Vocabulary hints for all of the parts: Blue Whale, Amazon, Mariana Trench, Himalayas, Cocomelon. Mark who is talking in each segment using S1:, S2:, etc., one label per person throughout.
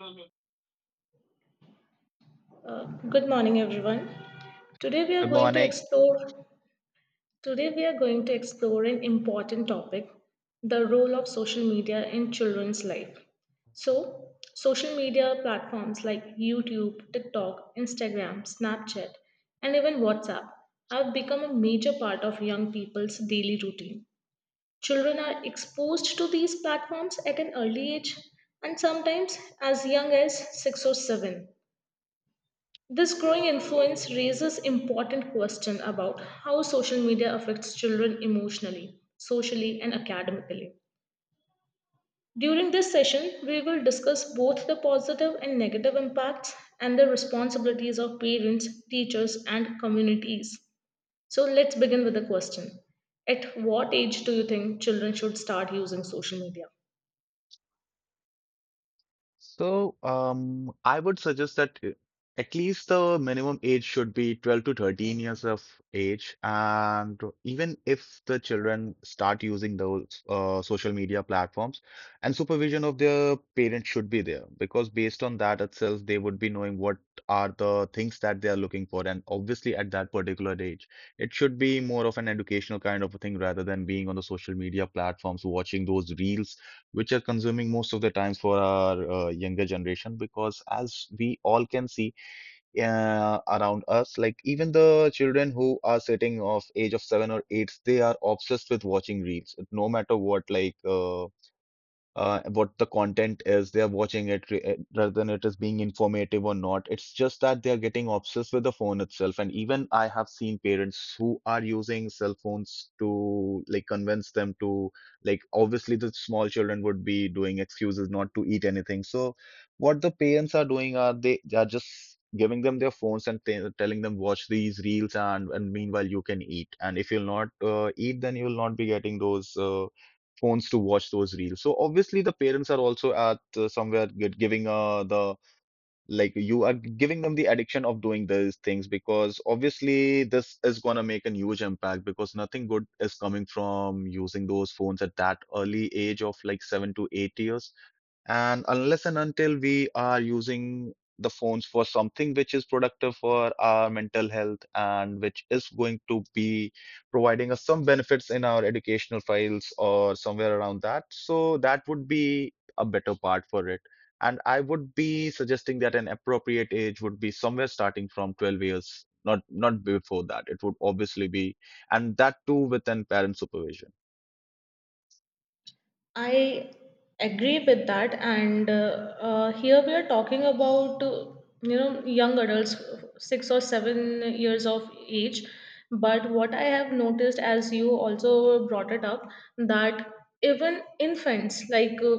S1: Mhm.
S2: Good morning, everyone. Today we are
S1: Good
S2: going to
S1: morning.
S2: explore. Today we are going to explore an important topic: the role of social media in children's life. So, social media platforms like YouTube, TikTok, Instagram, Snapchat, and even WhatsApp have become a major part of young people's daily routine. Children are exposed to these platforms at an early age, and sometimes as young as six or seven. This growing influence raises important question about how social media affects children emotionally, socially and academically. During this session, we will discuss both the positive and negative impacts and the responsibilities of parents, teachers and communities. So let's begin with the question. At what age do you think children should start using social media?
S1: I would suggest that at least the minimum age should be 12 to 13 years of age. And even if the children start using those social media platforms, and supervision of their parents should be there because based on that itself, they would be knowing what are the things that they are looking for. And obviously, at that particular age, it should be more of an educational kind of a thing rather than being on the social media platforms, watching those reels which are consuming most of the times for our younger generation because as we all can see around us like even the children who are sitting of age of 7 or 8, they are obsessed with watching reels no matter what, like what the content is, they are watching it rather than it is being informative or not. It's just that they are getting obsessed with the phone itself. And even I have seen parents who are using cell phones to like convince them to, like obviously the small children would be doing excuses not to eat anything. So what the parents are doing are they are just giving them their phones and telling them watch these reels, and meanwhile you can eat. And if you'll not eat, then you'll not be getting those. Phones to watch those reels. So obviously the parents are also at somewhere giving the, like you are giving them the addiction of doing these things because obviously this is gonna make a huge impact because nothing good is coming from using those phones at that early age of like 7 to 8 years. And unless and until we are using the phones for something which is productive for our mental health and which is going to be providing us some benefits in our educational files or somewhere around that, so that would be a better part for it. And I would be suggesting that an appropriate age would be somewhere starting from 12 years, not before that. It would obviously be, and that too with an parent supervision.
S2: I agree with that, and here we are talking about you know, young adults, 6 or 7 years of age. But what I have noticed, as you also brought it up, that even infants like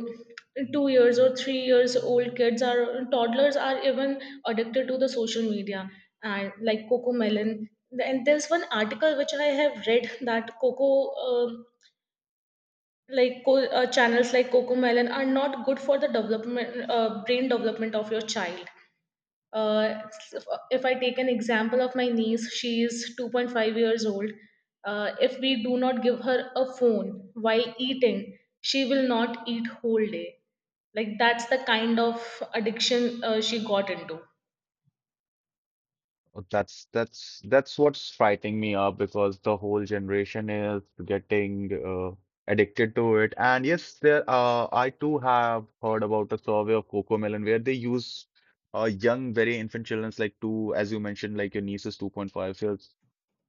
S2: 2 years or 3 years old kids are toddlers are even addicted to the social media, and like coco melon. And there's one article which I have read that uh, channels like cocomelon are not good for the development, brain development of your child. uh, if I take an example of my niece, she is 2.5 years old. If we do not give her a phone while eating, she will not eat whole day. Like, that's the kind of addiction she got into.
S1: Oh, that's what's frightening me up because the whole generation is getting addicted to it. And yes, there I too have heard about a survey of Coco melon where they use young, very infant childrens like two, as you mentioned, like your niece is 2.5 years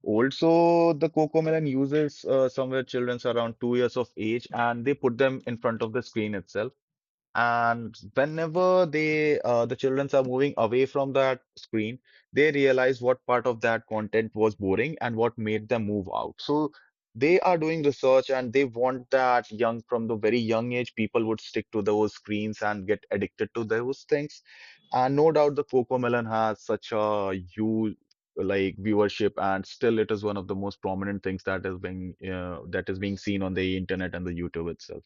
S1: old. So the Coco melon uses somewhere children's around 2 years of age, and they put them in front of the screen itself. And whenever they, the childrens are moving away from that screen, they realize what part of that content was boring and what made them move out. So they are doing research and they want that young, from the very young age, people would stick to those screens and get addicted to those things. And no doubt the Cocomelon has such a huge like viewership, and still it is one of the most prominent things that is being seen on the internet and the YouTube itself.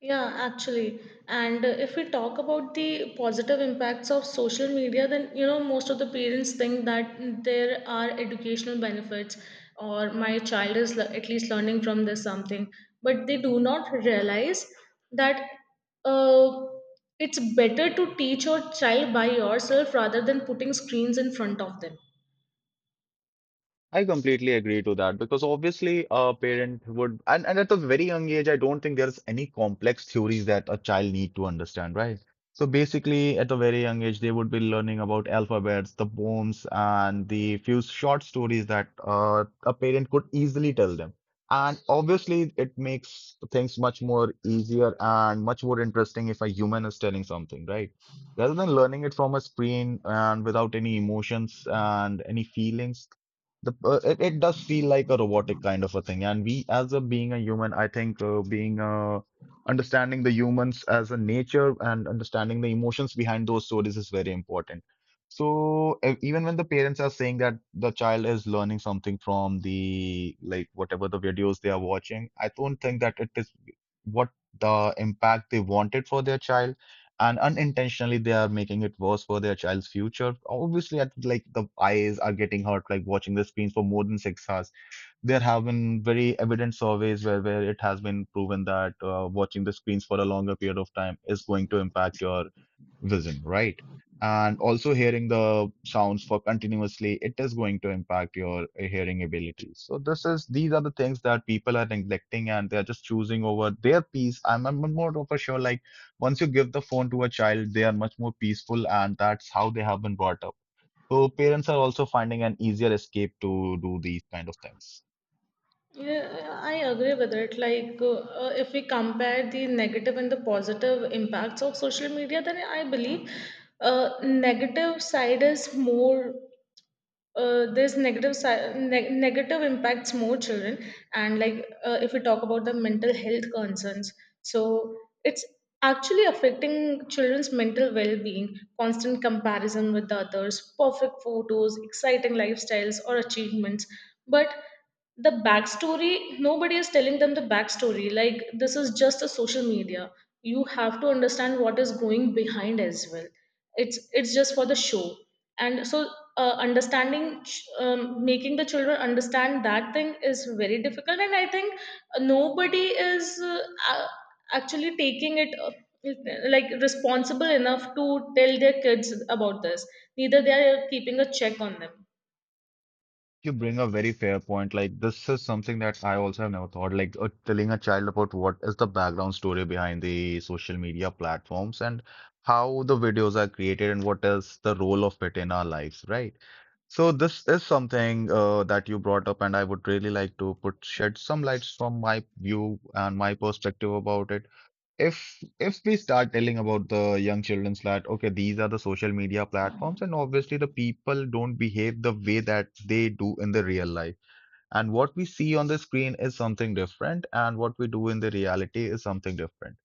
S2: Yeah, actually. And if we talk about the positive impacts of social media, then, you know, most of the parents think that there are educational benefits, or my child is at least learning from this something, but they do not realize that uh, it's better to teach your child by yourself rather than putting screens in front of them.
S1: I completely agree to that because obviously a parent would, and at a very young age, I don't think there's any complex theories that a child need to understand, right? So basically, at a very young age, they would be learning about alphabets, the poems, and the few short stories that a parent could easily tell them. And obviously, it makes things much more easier and much more interesting if a human is telling something, right? Rather than learning it from a screen and without any emotions and any feelings, it does feel like a robotic kind of a thing. And we, as a being a human, I think being understanding the humans as a nature and understanding the emotions behind those stories is very important. So even when the parents are saying that the child is learning something from the, like whatever the videos they are watching, I don't think that it is what the impact they wanted for their child, and unintentionally they are making it worse for their child's future. Obviously, I think, like the eyes are getting hurt, like watching the screens for more than 6 hours. There have been very evident surveys where it has been proven that watching the screens for a longer period of time is going to impact your vision, right? And also hearing the sounds for continuously, it is going to impact your hearing abilities. So this is these are the things that people are neglecting, and they are just choosing over their peace. I'm more of a sure, like once you give the phone to a child, they are much more peaceful, and that's how they have been brought up. So parents are also finding an easier escape to do these kind of things.
S2: Yeah, I agree with it. Like, if we compare the negative and the positive impacts of social media, then I believe negative side is more. There's negative impacts more children. And like, if we talk about the mental health concerns, so it's actually affecting children's mental well-being, constant comparison with others, perfect photos, exciting lifestyles or achievements. But the backstory, nobody is telling them the backstory. Like, this is just a social media, you have to understand what is going behind as well. It's just for the show. And so, making the children understand that thing is very difficult. And I think nobody is a- actually taking it like responsible enough to tell their kids about this, neither they are keeping a check on them.
S1: You bring a very fair point. Like, this is something that I also have never thought. Like, telling a child about what is the background story behind the social media platforms, and how the videos are created, and what is the role of it in our lives, right? So, this is something that you brought up, and I would really like to put shed some lights from my view and my perspective about it. If we start telling about the young children's that okay, these are the social media platforms, and obviously the people don't behave the way that they do in the real life. And what we see on the screen is something different, and what we do in the reality is something different.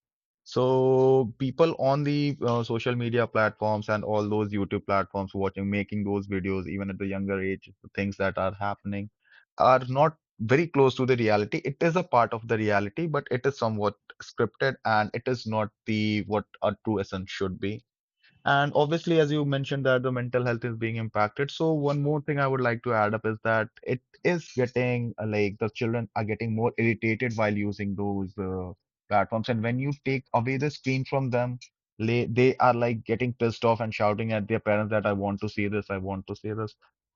S1: So people on the social media platforms and all those YouTube platforms watching, making those videos, even at the younger age, the things that are happening are not very close to the reality. It is a part of the reality, but it is somewhat scripted, and it is not the what a true essence should be. And obviously, as you mentioned that the mental health is being impacted. So one more thing I would like to add up is that it is getting like the children are getting more irritated while using those platforms. And when you take away the screen from them, they are like getting pissed off and shouting at their parents that I want to see this, I want to see this.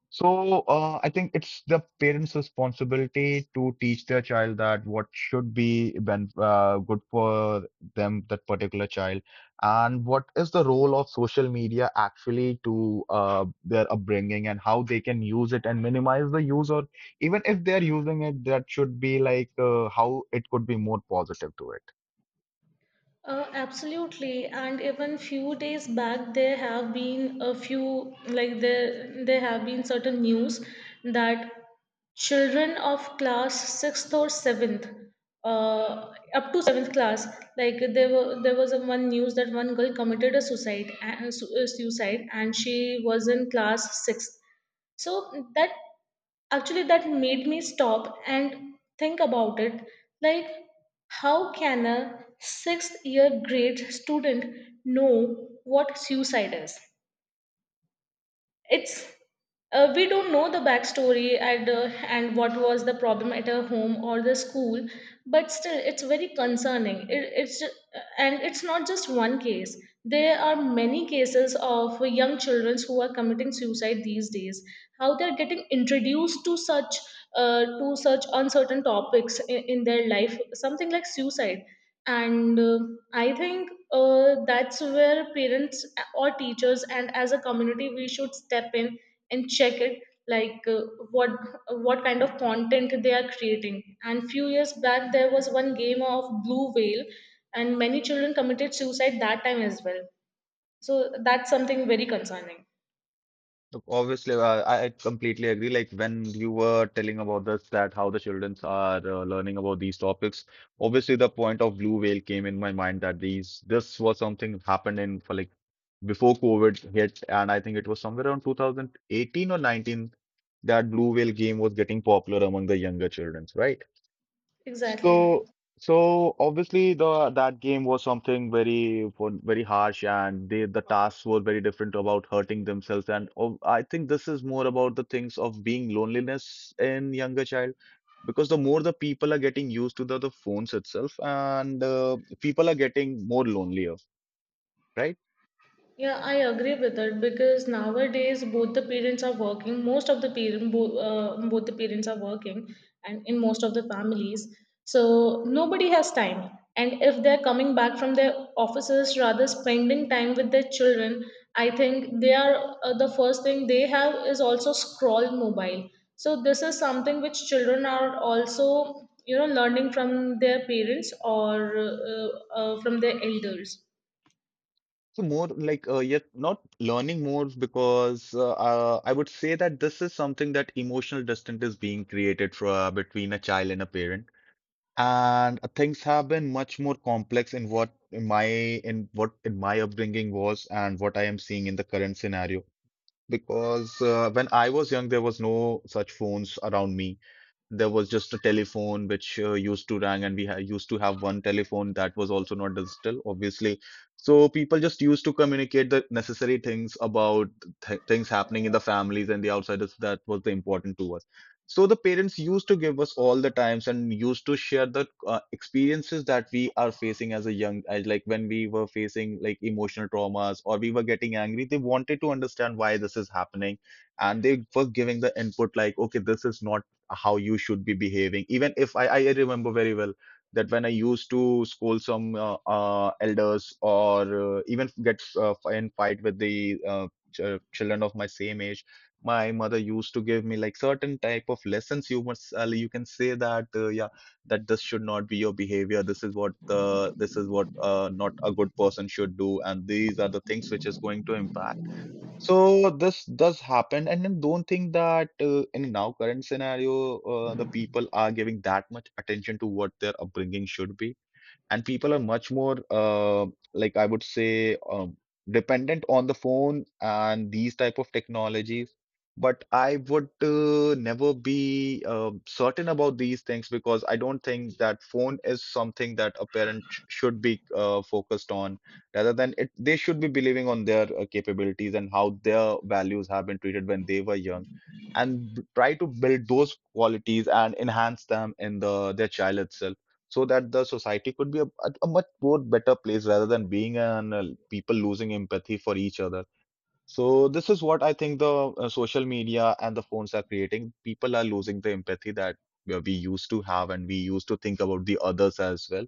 S1: So, I think it's the parents' responsibility to teach their child that what should be ben good for them, that particular child, and what is the role of social media actually to their upbringing and how they can use it and minimize the use, or even if they're using it, that should be like how it could be more positive to it.
S2: Absolutely. And even few days back, there have been a few like, there have been certain news that children of class sixth or seventh, uh, up to seventh class, like there was a one news that one girl committed a suicide and suicide, and she was in class sixth. So that actually that made me stop and think about it. Like, how can a sixth year grade student know what suicide is? It's we don't know the backstory. And what was the problem at her home or the school? But still it's very concerning. And it's not just one case, there are many cases of young children who are committing suicide these days. How they're getting introduced to such uncertain topics in their life, something like suicide. And I think that's where parents or teachers and as a community we should step in and check it. Like, what what kind of content they are creating. And few years back there was one game of blue whale, and many children committed suicide that time as well. So that's something very concerning.
S1: Look, obviously, I completely agree. Like when you were telling about this, that how the childrens are learning about these topics, obviously the point of blue whale came in my mind that these this was something happened in for like before COVID hit, and I think it was somewhere around 2018 or 19 that blue whale game was getting popular among the younger childrens, right?
S2: Exactly.
S1: So, so obviously the that game was something very very harsh, and they, the tasks were very different about hurting themselves. And oh, I think this is more about the things of being loneliness in younger child, because the more the people are getting used to the phones itself, and people are getting more lonelier, right?
S2: Yeah, I agree with it, because nowadays both the parents are working. Most of the both the parents are working, and in most of the families, so nobody has time. And if they're coming back from their offices, rather spending time with their children, I think they are the first thing they have is also scroll mobile. So this is something which children are also, you know, learning from their parents or from their elders.
S1: So more like yet not learning more because I would say that this is something that emotional distance is being created for, between a child and a parent. And things have been much more complex in what in my upbringing was and what I am seeing in the current scenario. Because when I was young, there was no such phones around me. There was just a telephone which used to ring, and we ha used to have one telephone that was also not digital, obviously. So people just used to communicate the necessary things about th things happening in the families and the outsiders. That was the important to us. So the parents used to give us all the times and used to share the experiences that we are facing as a young, as like when we were facing like emotional traumas or we were getting angry. They wanted to understand why this is happening, and they were giving the input like okay, this is not how you should be behaving. Even if I remember very well that when I used to scold some elders or even get in fight with the ch children of my same age, my mother used to give me like certain type of lessons. You must you can say that that this should not be your behavior. This is what not a good person should do, and these are the things which is going to impact. So this does happen, and I don't think that in now current scenario, the people are giving that much attention to what their upbringing should be, and people are much more like I would say dependent on the phone and these type of technologies, but I would never be certain about these things because I don't think that phone is something that a should be focused on, rather than it they should be believing on their capabilities and how their values have been treated when they were young, and try to build those qualities and enhance them in their child itself, so that the society could be a much more better place rather than being an people losing empathy for each other. So this is what I think the social media and the phones are creating. People are losing the empathy that we used to have, and we used to think about the others as well.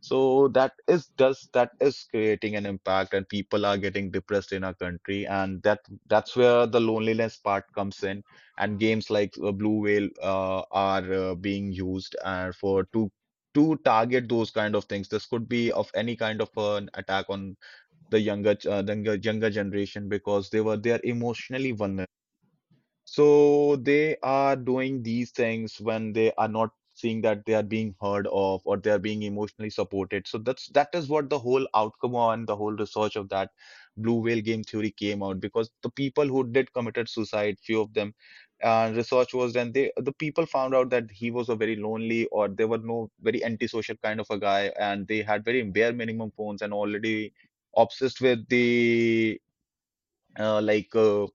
S1: So that is creating an impact, and people are getting depressed in our country, and that's where the loneliness part comes in. And games like Blue Whale are being used for to target those kind of things. This could be of any kind of an attack on the younger younger generation because they are emotionally vulnerable, so they are doing these things when they are not seeing that they are being heard of or they are being emotionally supported. So that's that is what the whole outcome on the whole research of that blue whale game theory came out because the people who did committed suicide, few of them, research was done. The people found out that he was a very lonely or they were no very antisocial kind of a guy, and they had very bare minimum phones and already obsessed with the uh, like. uh,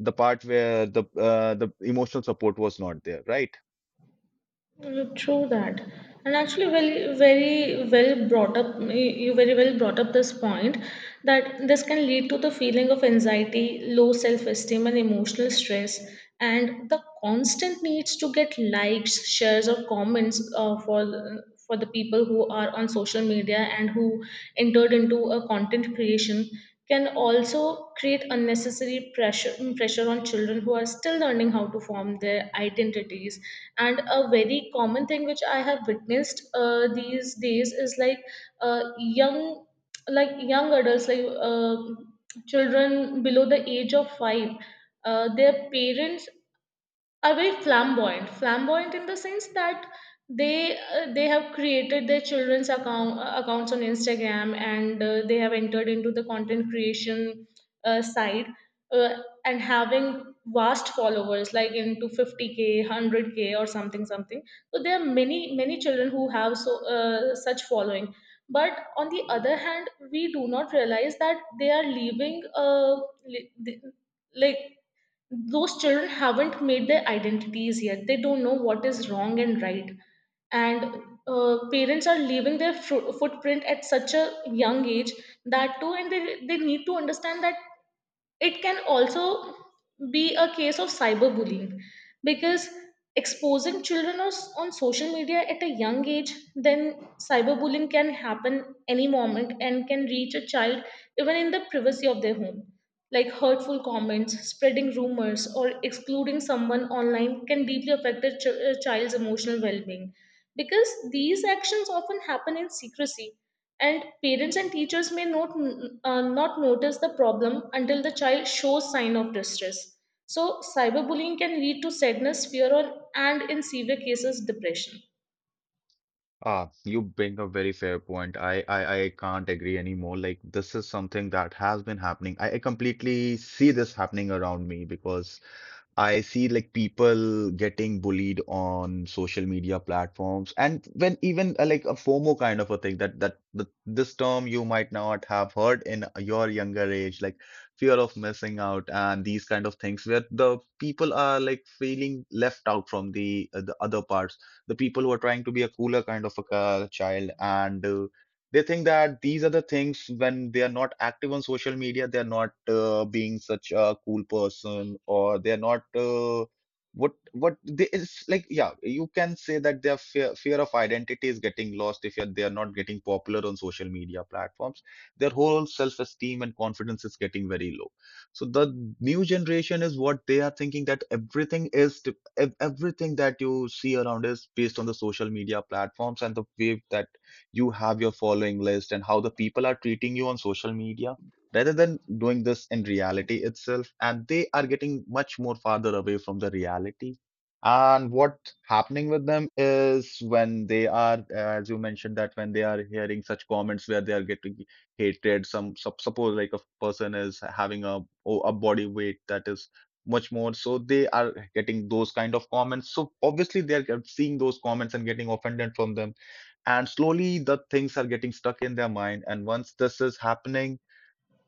S1: the part where the emotional support was not there, right?
S2: Mm, true that. And actually, well, very well brought up, you very well brought up this point that this can lead to the feeling of anxiety, low self-esteem, and emotional stress, and the constant needs to get likes, shares, or comments for the people who are on social media and who entered into a content creation can also create unnecessary pressure on children who are still learning how to form their identities. And a very common thing which I have witnessed these days is like, uh, young young adults like uh, children below the age of 5. Their parents are very flamboyant in the sense that they have created their children's account accounts on Instagram, and they have entered into the content creation side. uh, and having vast followers like into 50k 100k or something something. So there are many many children who have so such following. But on the other hand, we do not realize that they are leaving li- the- like those children haven't made their identities yet, they don't know what is wrong and right. And parents are leaving their footprint at such a young age. That too, and they need to understand that it can also be a case of cyberbullying. Because exposing children on social media at a young age, then cyberbullying can happen any moment and can reach a child even in the privacy of their home. Like, hurtful comments, spreading rumors, or excluding someone online can deeply affect a child's emotional well-being. Because these actions often happen in secrecy, and parents and teachers may not not notice the problem until the child shows sign of distress. So cyberbullying can lead to sadness, fear, and in severe cases depression.
S1: Ah, you bring a very fair point. I can't agree anymore. Like this is something that has been happening. I completely see this happening around me because I see like people getting bullied on social media platforms, and when even like a FOMO kind of a thing, that this term you might not have heard in your younger age, like fear of missing out, and these kind of things where the people are like feeling left out from the other parts, the people who are trying to be a cooler kind of a child, and they think that these are the things when they are not active on social media, they're not being such a cool person, or they're not what what they it's like yeah, you can say that their fear of identity is getting lost if you're, they are not getting popular on social media platforms. Their whole self-esteem and confidence is getting very low. So the new generation is what they are thinking that everything that you see around is based on the social media platforms, and the way that you have your following list and how the people are treating you on social media rather than doing this in reality itself, and they are getting much more farther away from the reality. And what happening with them is when they are as you mentioned, that when they are hearing such comments where they are getting hatred, suppose like a person is having a body weight that is much more, so they are getting those kind of comments, so obviously they are seeing those comments and getting offended from them, and slowly the things are getting stuck in their mind. And once this is happening,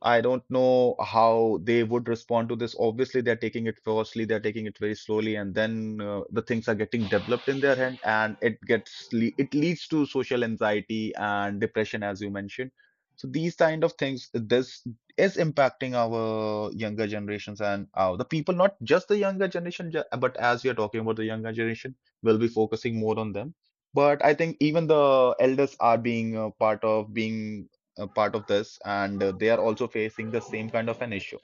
S1: I don't know how they would respond to this. Obviously, they're taking it firstly, they're taking it very slowly, and then the things are getting developed in their hand, and it gets le it leads to social anxiety and depression, as you mentioned. So these kind of things, this is impacting our younger generations and our, the people, not just the younger generation, but as we are talking about the younger generation, we'll be focusing more on them. But I think even the elders are being a part of this, and they are also facing the same kind of an issue.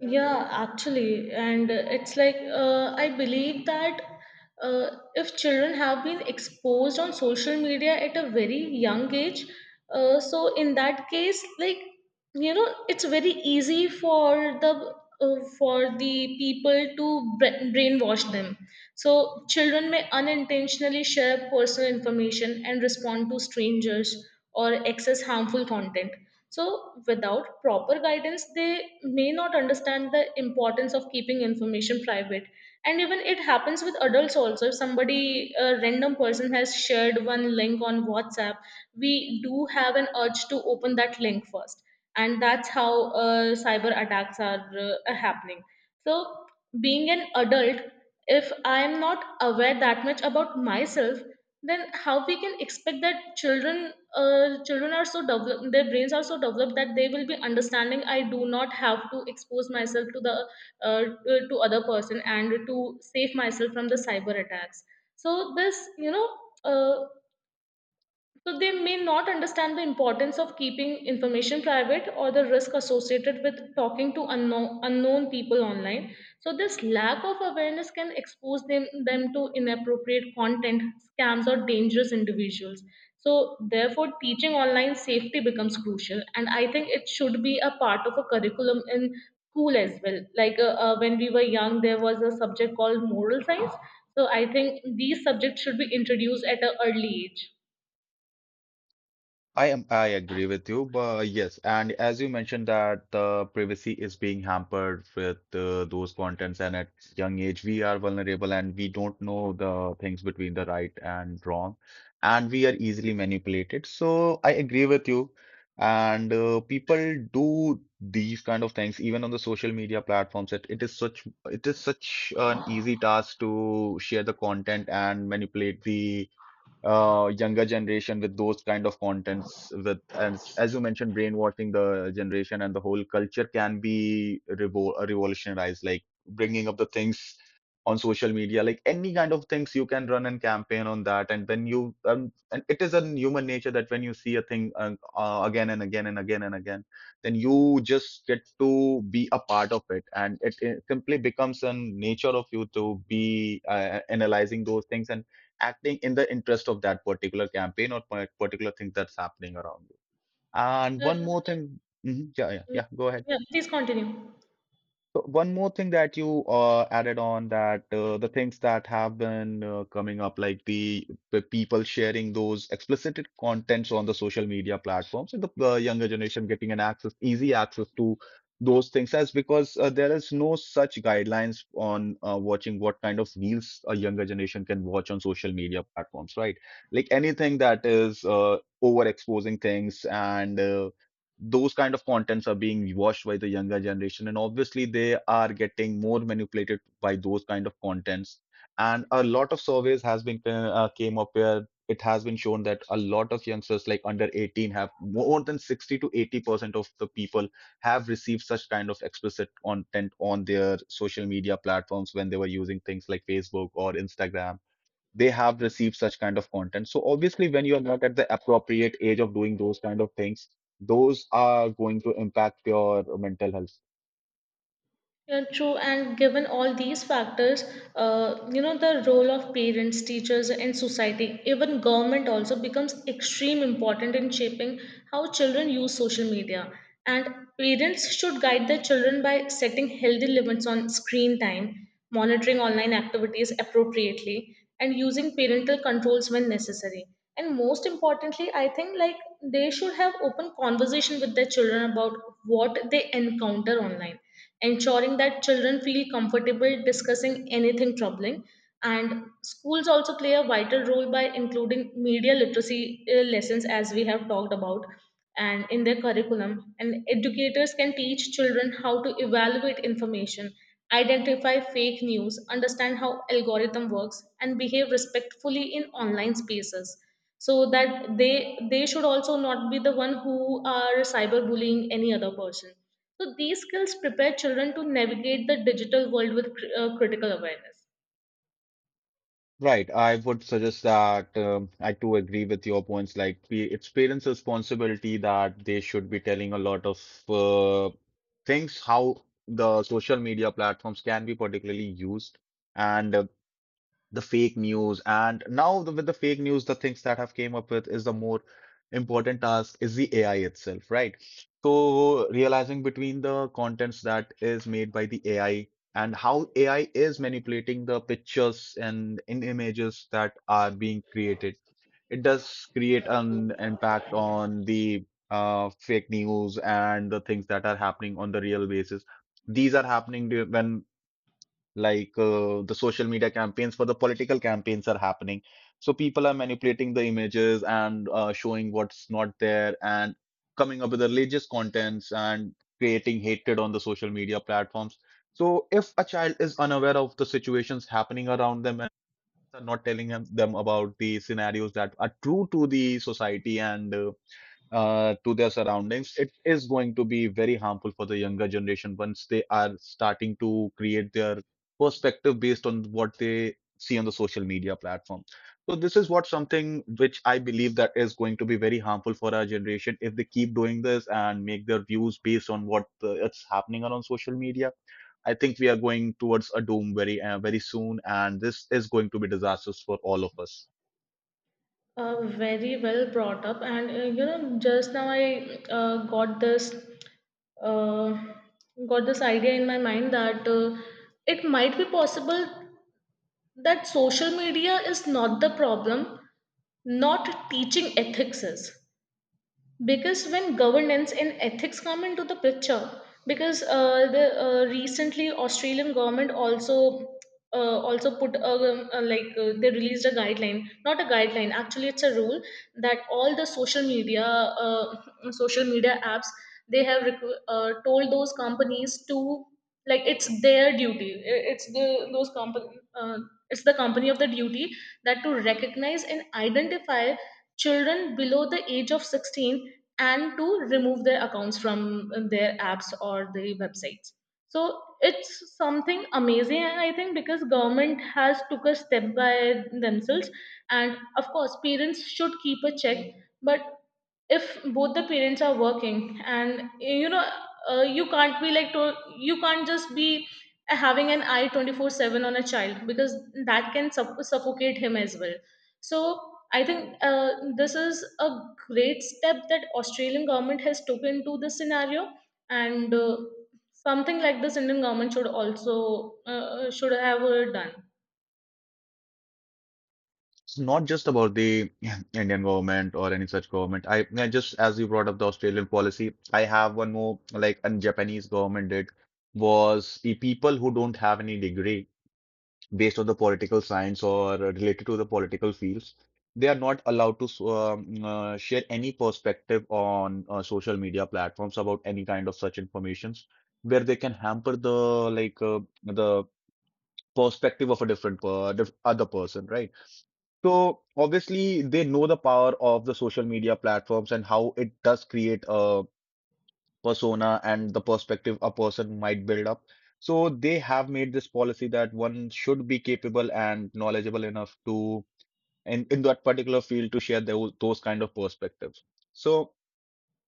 S2: Yeah, actually. And it's like I believe that uh, if children have been exposed on social media at a very young age, so in that case, like, you know, it's very easy for the people to brainwash them. So children may unintentionally share personal information and respond to strangers or access harmful content. So, without proper guidance, they may not understand the importance of keeping information private. And even it happens with adults also. If somebody, a random person, has shared one link on WhatsApp, we do have an urge to open that link first. And that's how cyber attacks are happening. So, being an adult, if I'm not aware that much about myself, then how we can expect that children are so developed, their brains are so developed that they will be understanding, I do not have to expose myself to the to other person and to save myself from the cyber attacks. So this, you know, uh, so they may not understand the importance of keeping information private or the risk associated with talking to unknown people online. So this lack of awareness can expose them to inappropriate content, scams, or dangerous individuals. So therefore, teaching online safety becomes crucial, and I think it should be a part of a curriculum in school as well. Like, when we were young, there was a subject called moral science. So I think these subjects should be introduced at an early age.
S1: I agree with you, but yes, and as you mentioned that the privacy is being hampered with those contents, and at young age we are vulnerable and we don't know the things between the right and wrong, and we are easily manipulated. So I agree with you, and people do these kind of things even on the social media platforms. It is such an easy task to share the content and manipulate the younger generation with those kind of contents with as you mentioned, brainwashing the generation, and the whole culture can be revolutionized, like bringing up the things on social media, like any kind of things you can run and campaign on that. And when you and it is in human nature that when you see a thing again and again and again and again, then you just get to be a part of it, and it simply becomes a nature of you to be analyzing those things and acting in the interest of that particular campaign or particular thing that's happening around you. And
S2: Uh,
S1: one more thing, Mhm. yeah,
S2: Yeah,
S1: go ahead.
S2: yeah, please continue.
S1: So one more thing that you added on that, the things that have been coming up, like the people sharing those explicit contents on the social media platforms, and the younger generation getting an access, easy access to those things, as because there is no such guidelines on watching what kind of reels a younger generation can watch on social media platforms, right? Like anything that is overexposing things, and those kind of contents are being watched by the younger generation, and obviously they are getting more manipulated by those kind of contents. And a lot of surveys has been came up where it has been shown that a lot of youngsters like under 18 have more than 60 to 80% of the people have received such kind of explicit content on their social media platforms when they were using things like Facebook or Instagram. They have received such kind of content. So obviously, when you are not at the appropriate age of doing those kind of things, those are going to impact your mental health.
S2: Yeah, true. And given all these factors, you know, the role of parents, teachers, and society, even government also becomes extreme important in shaping how children use social media. And parents should guide their children by setting healthy limits on screen time, monitoring online activities appropriately, and using parental controls when necessary. And most importantly, I think like they should have open conversation with their children about what they encounter online, ensuring that children feel comfortable discussing anything troubling. And schools also play a vital role by including media literacy lessons, as we have talked about, and in their curriculum. And educators can teach children how to evaluate information, identify fake news, understand how algorithm works, and behave respectfully in online spaces, so that they should also not be the one who are cyberbullying any other person. So these skills prepare children to navigate the digital world with critical awareness.
S1: Right. I would suggest that I too agree with your points. Like, it's parents' responsibility that they should be telling a lot of uh, things how the social media platforms can be particularly used. And the fake news and now with the fake news the things that have came up with is the more important task is the AI itself, right? So realizing between the contents that is made by the AI and how AI is manipulating the pictures and in images that are being created, it does create an impact on the fake news and the things that are happening on the real basis. These are happening when like the social media campaigns for the political campaigns are happening. So people are manipulating the images and showing what's not there, and coming up with the religious contents and creating hatred on the social media platforms. So if a child is unaware of the situations happening around them, and are not telling them about the scenarios that are true to the society and to their surroundings, it is going to be very harmful for the younger generation once they are starting to create their perspective based on what they see on the social media platform. So this is what something which I believe that is going to be very harmful for our generation if they keep doing this and make their views based on what it's happening on social media. I think we are going towards a doom very very soon, and this is going to be disastrous for all of us.
S2: Very well brought up. And you know, just now I uh, got this uh, got this idea in my mind that it might be possible that social media is not the problem, not teaching ethics is. Because when governance and ethics come into the picture, because the recently Australian government also uh, also put a, like they released a guideline, not a guideline, actually it's a rule, that all the social media apps, they have told those companies to, like, it's their duty. It's the those company it's the company of the duty, that to recognize and identify children below the age of 16, and to remove their accounts from their apps or the websites. So it's something amazing, and I think because government has took a step by themselves. And of course parents should keep a check. But if both the parents are working, and you know, uh, you can't be like to, you can't just be having an eye 24/7 on a child, because that can suffocate him as well. So I think this is a great step that Australian government has taken to this scenario, and something like this Indian government should also should have done.
S1: It's not just about the Indian government or any such government. I just, as you brought up the Australian policy, I have one more like, and Japanese government did was the people who don't have any degree based on the political science or related to the political fields, they are not allowed to share any perspective on social media platforms about any kind of such informations where they can hamper the the perspective of a different other person, right? So obviously they know the power of the social media platforms and how it does create a persona and the perspective a person might build up. So they have made this policy that one should be capable and knowledgeable enough to in that particular field to share those kind of perspectives. So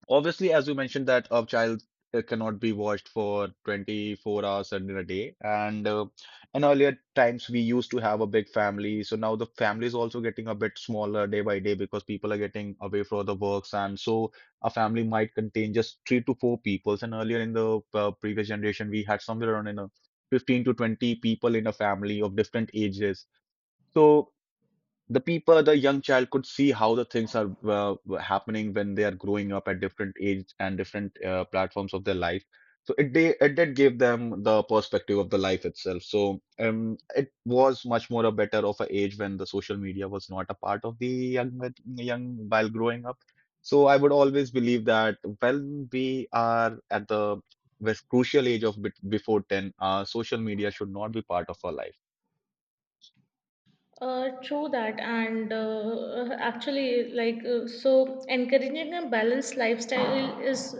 S1: obviously, as you mentioned, that a child cannot be watched for 24 hours in a day. And in earlier times, we used to have a big family. So now the family is also getting a bit smaller day by day because people are getting away for the works. And so a family might contain just 3 to 4 people. And earlier in the previous generation, we had somewhere around in a 15 to 20 people in a family of different ages. So the people, the young child could see how the things are happening when they are growing up at different age and different platforms of their life. So it did give them the perspective of the life itself. So it was much more a better of a age when the social media was not a part of the young while growing up. So I would always believe that when we are at the this crucial age of before 10, social media should not be part of our life.
S2: True that. And actually, like, so encouraging a balanced lifestyle is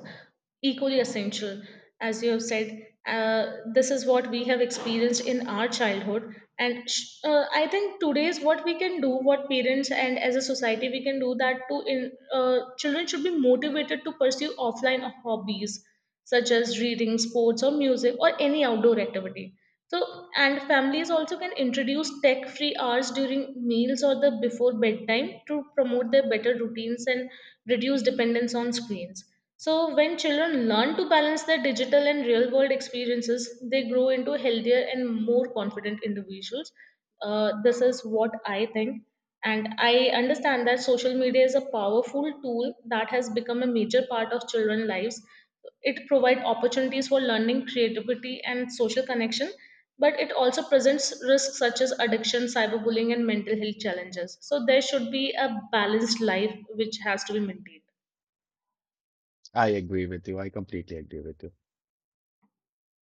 S2: equally essential, as you have said. This is what we have experienced in our childhood, and I think today's what we can do, what parents and as a society we can do, that to in children should be motivated to pursue offline hobbies such as reading, sports, or music, or any outdoor activity. So, and families also can introduce tech free hours during meals or the before bedtime to promote their better routines and reduce dependence on screens. So, when children learn to balance their digital and real world experiences, they grow into healthier and more confident individuals. This is what I think. And I understand that social media is a powerful tool that has become a major part of children's lives. It provides opportunities for learning, creativity, and social connection, but it also presents risks such as addiction, cyberbullying, and mental health challenges. So there should be a balanced life which has to be maintained.
S1: I agree with you. I completely agree with you.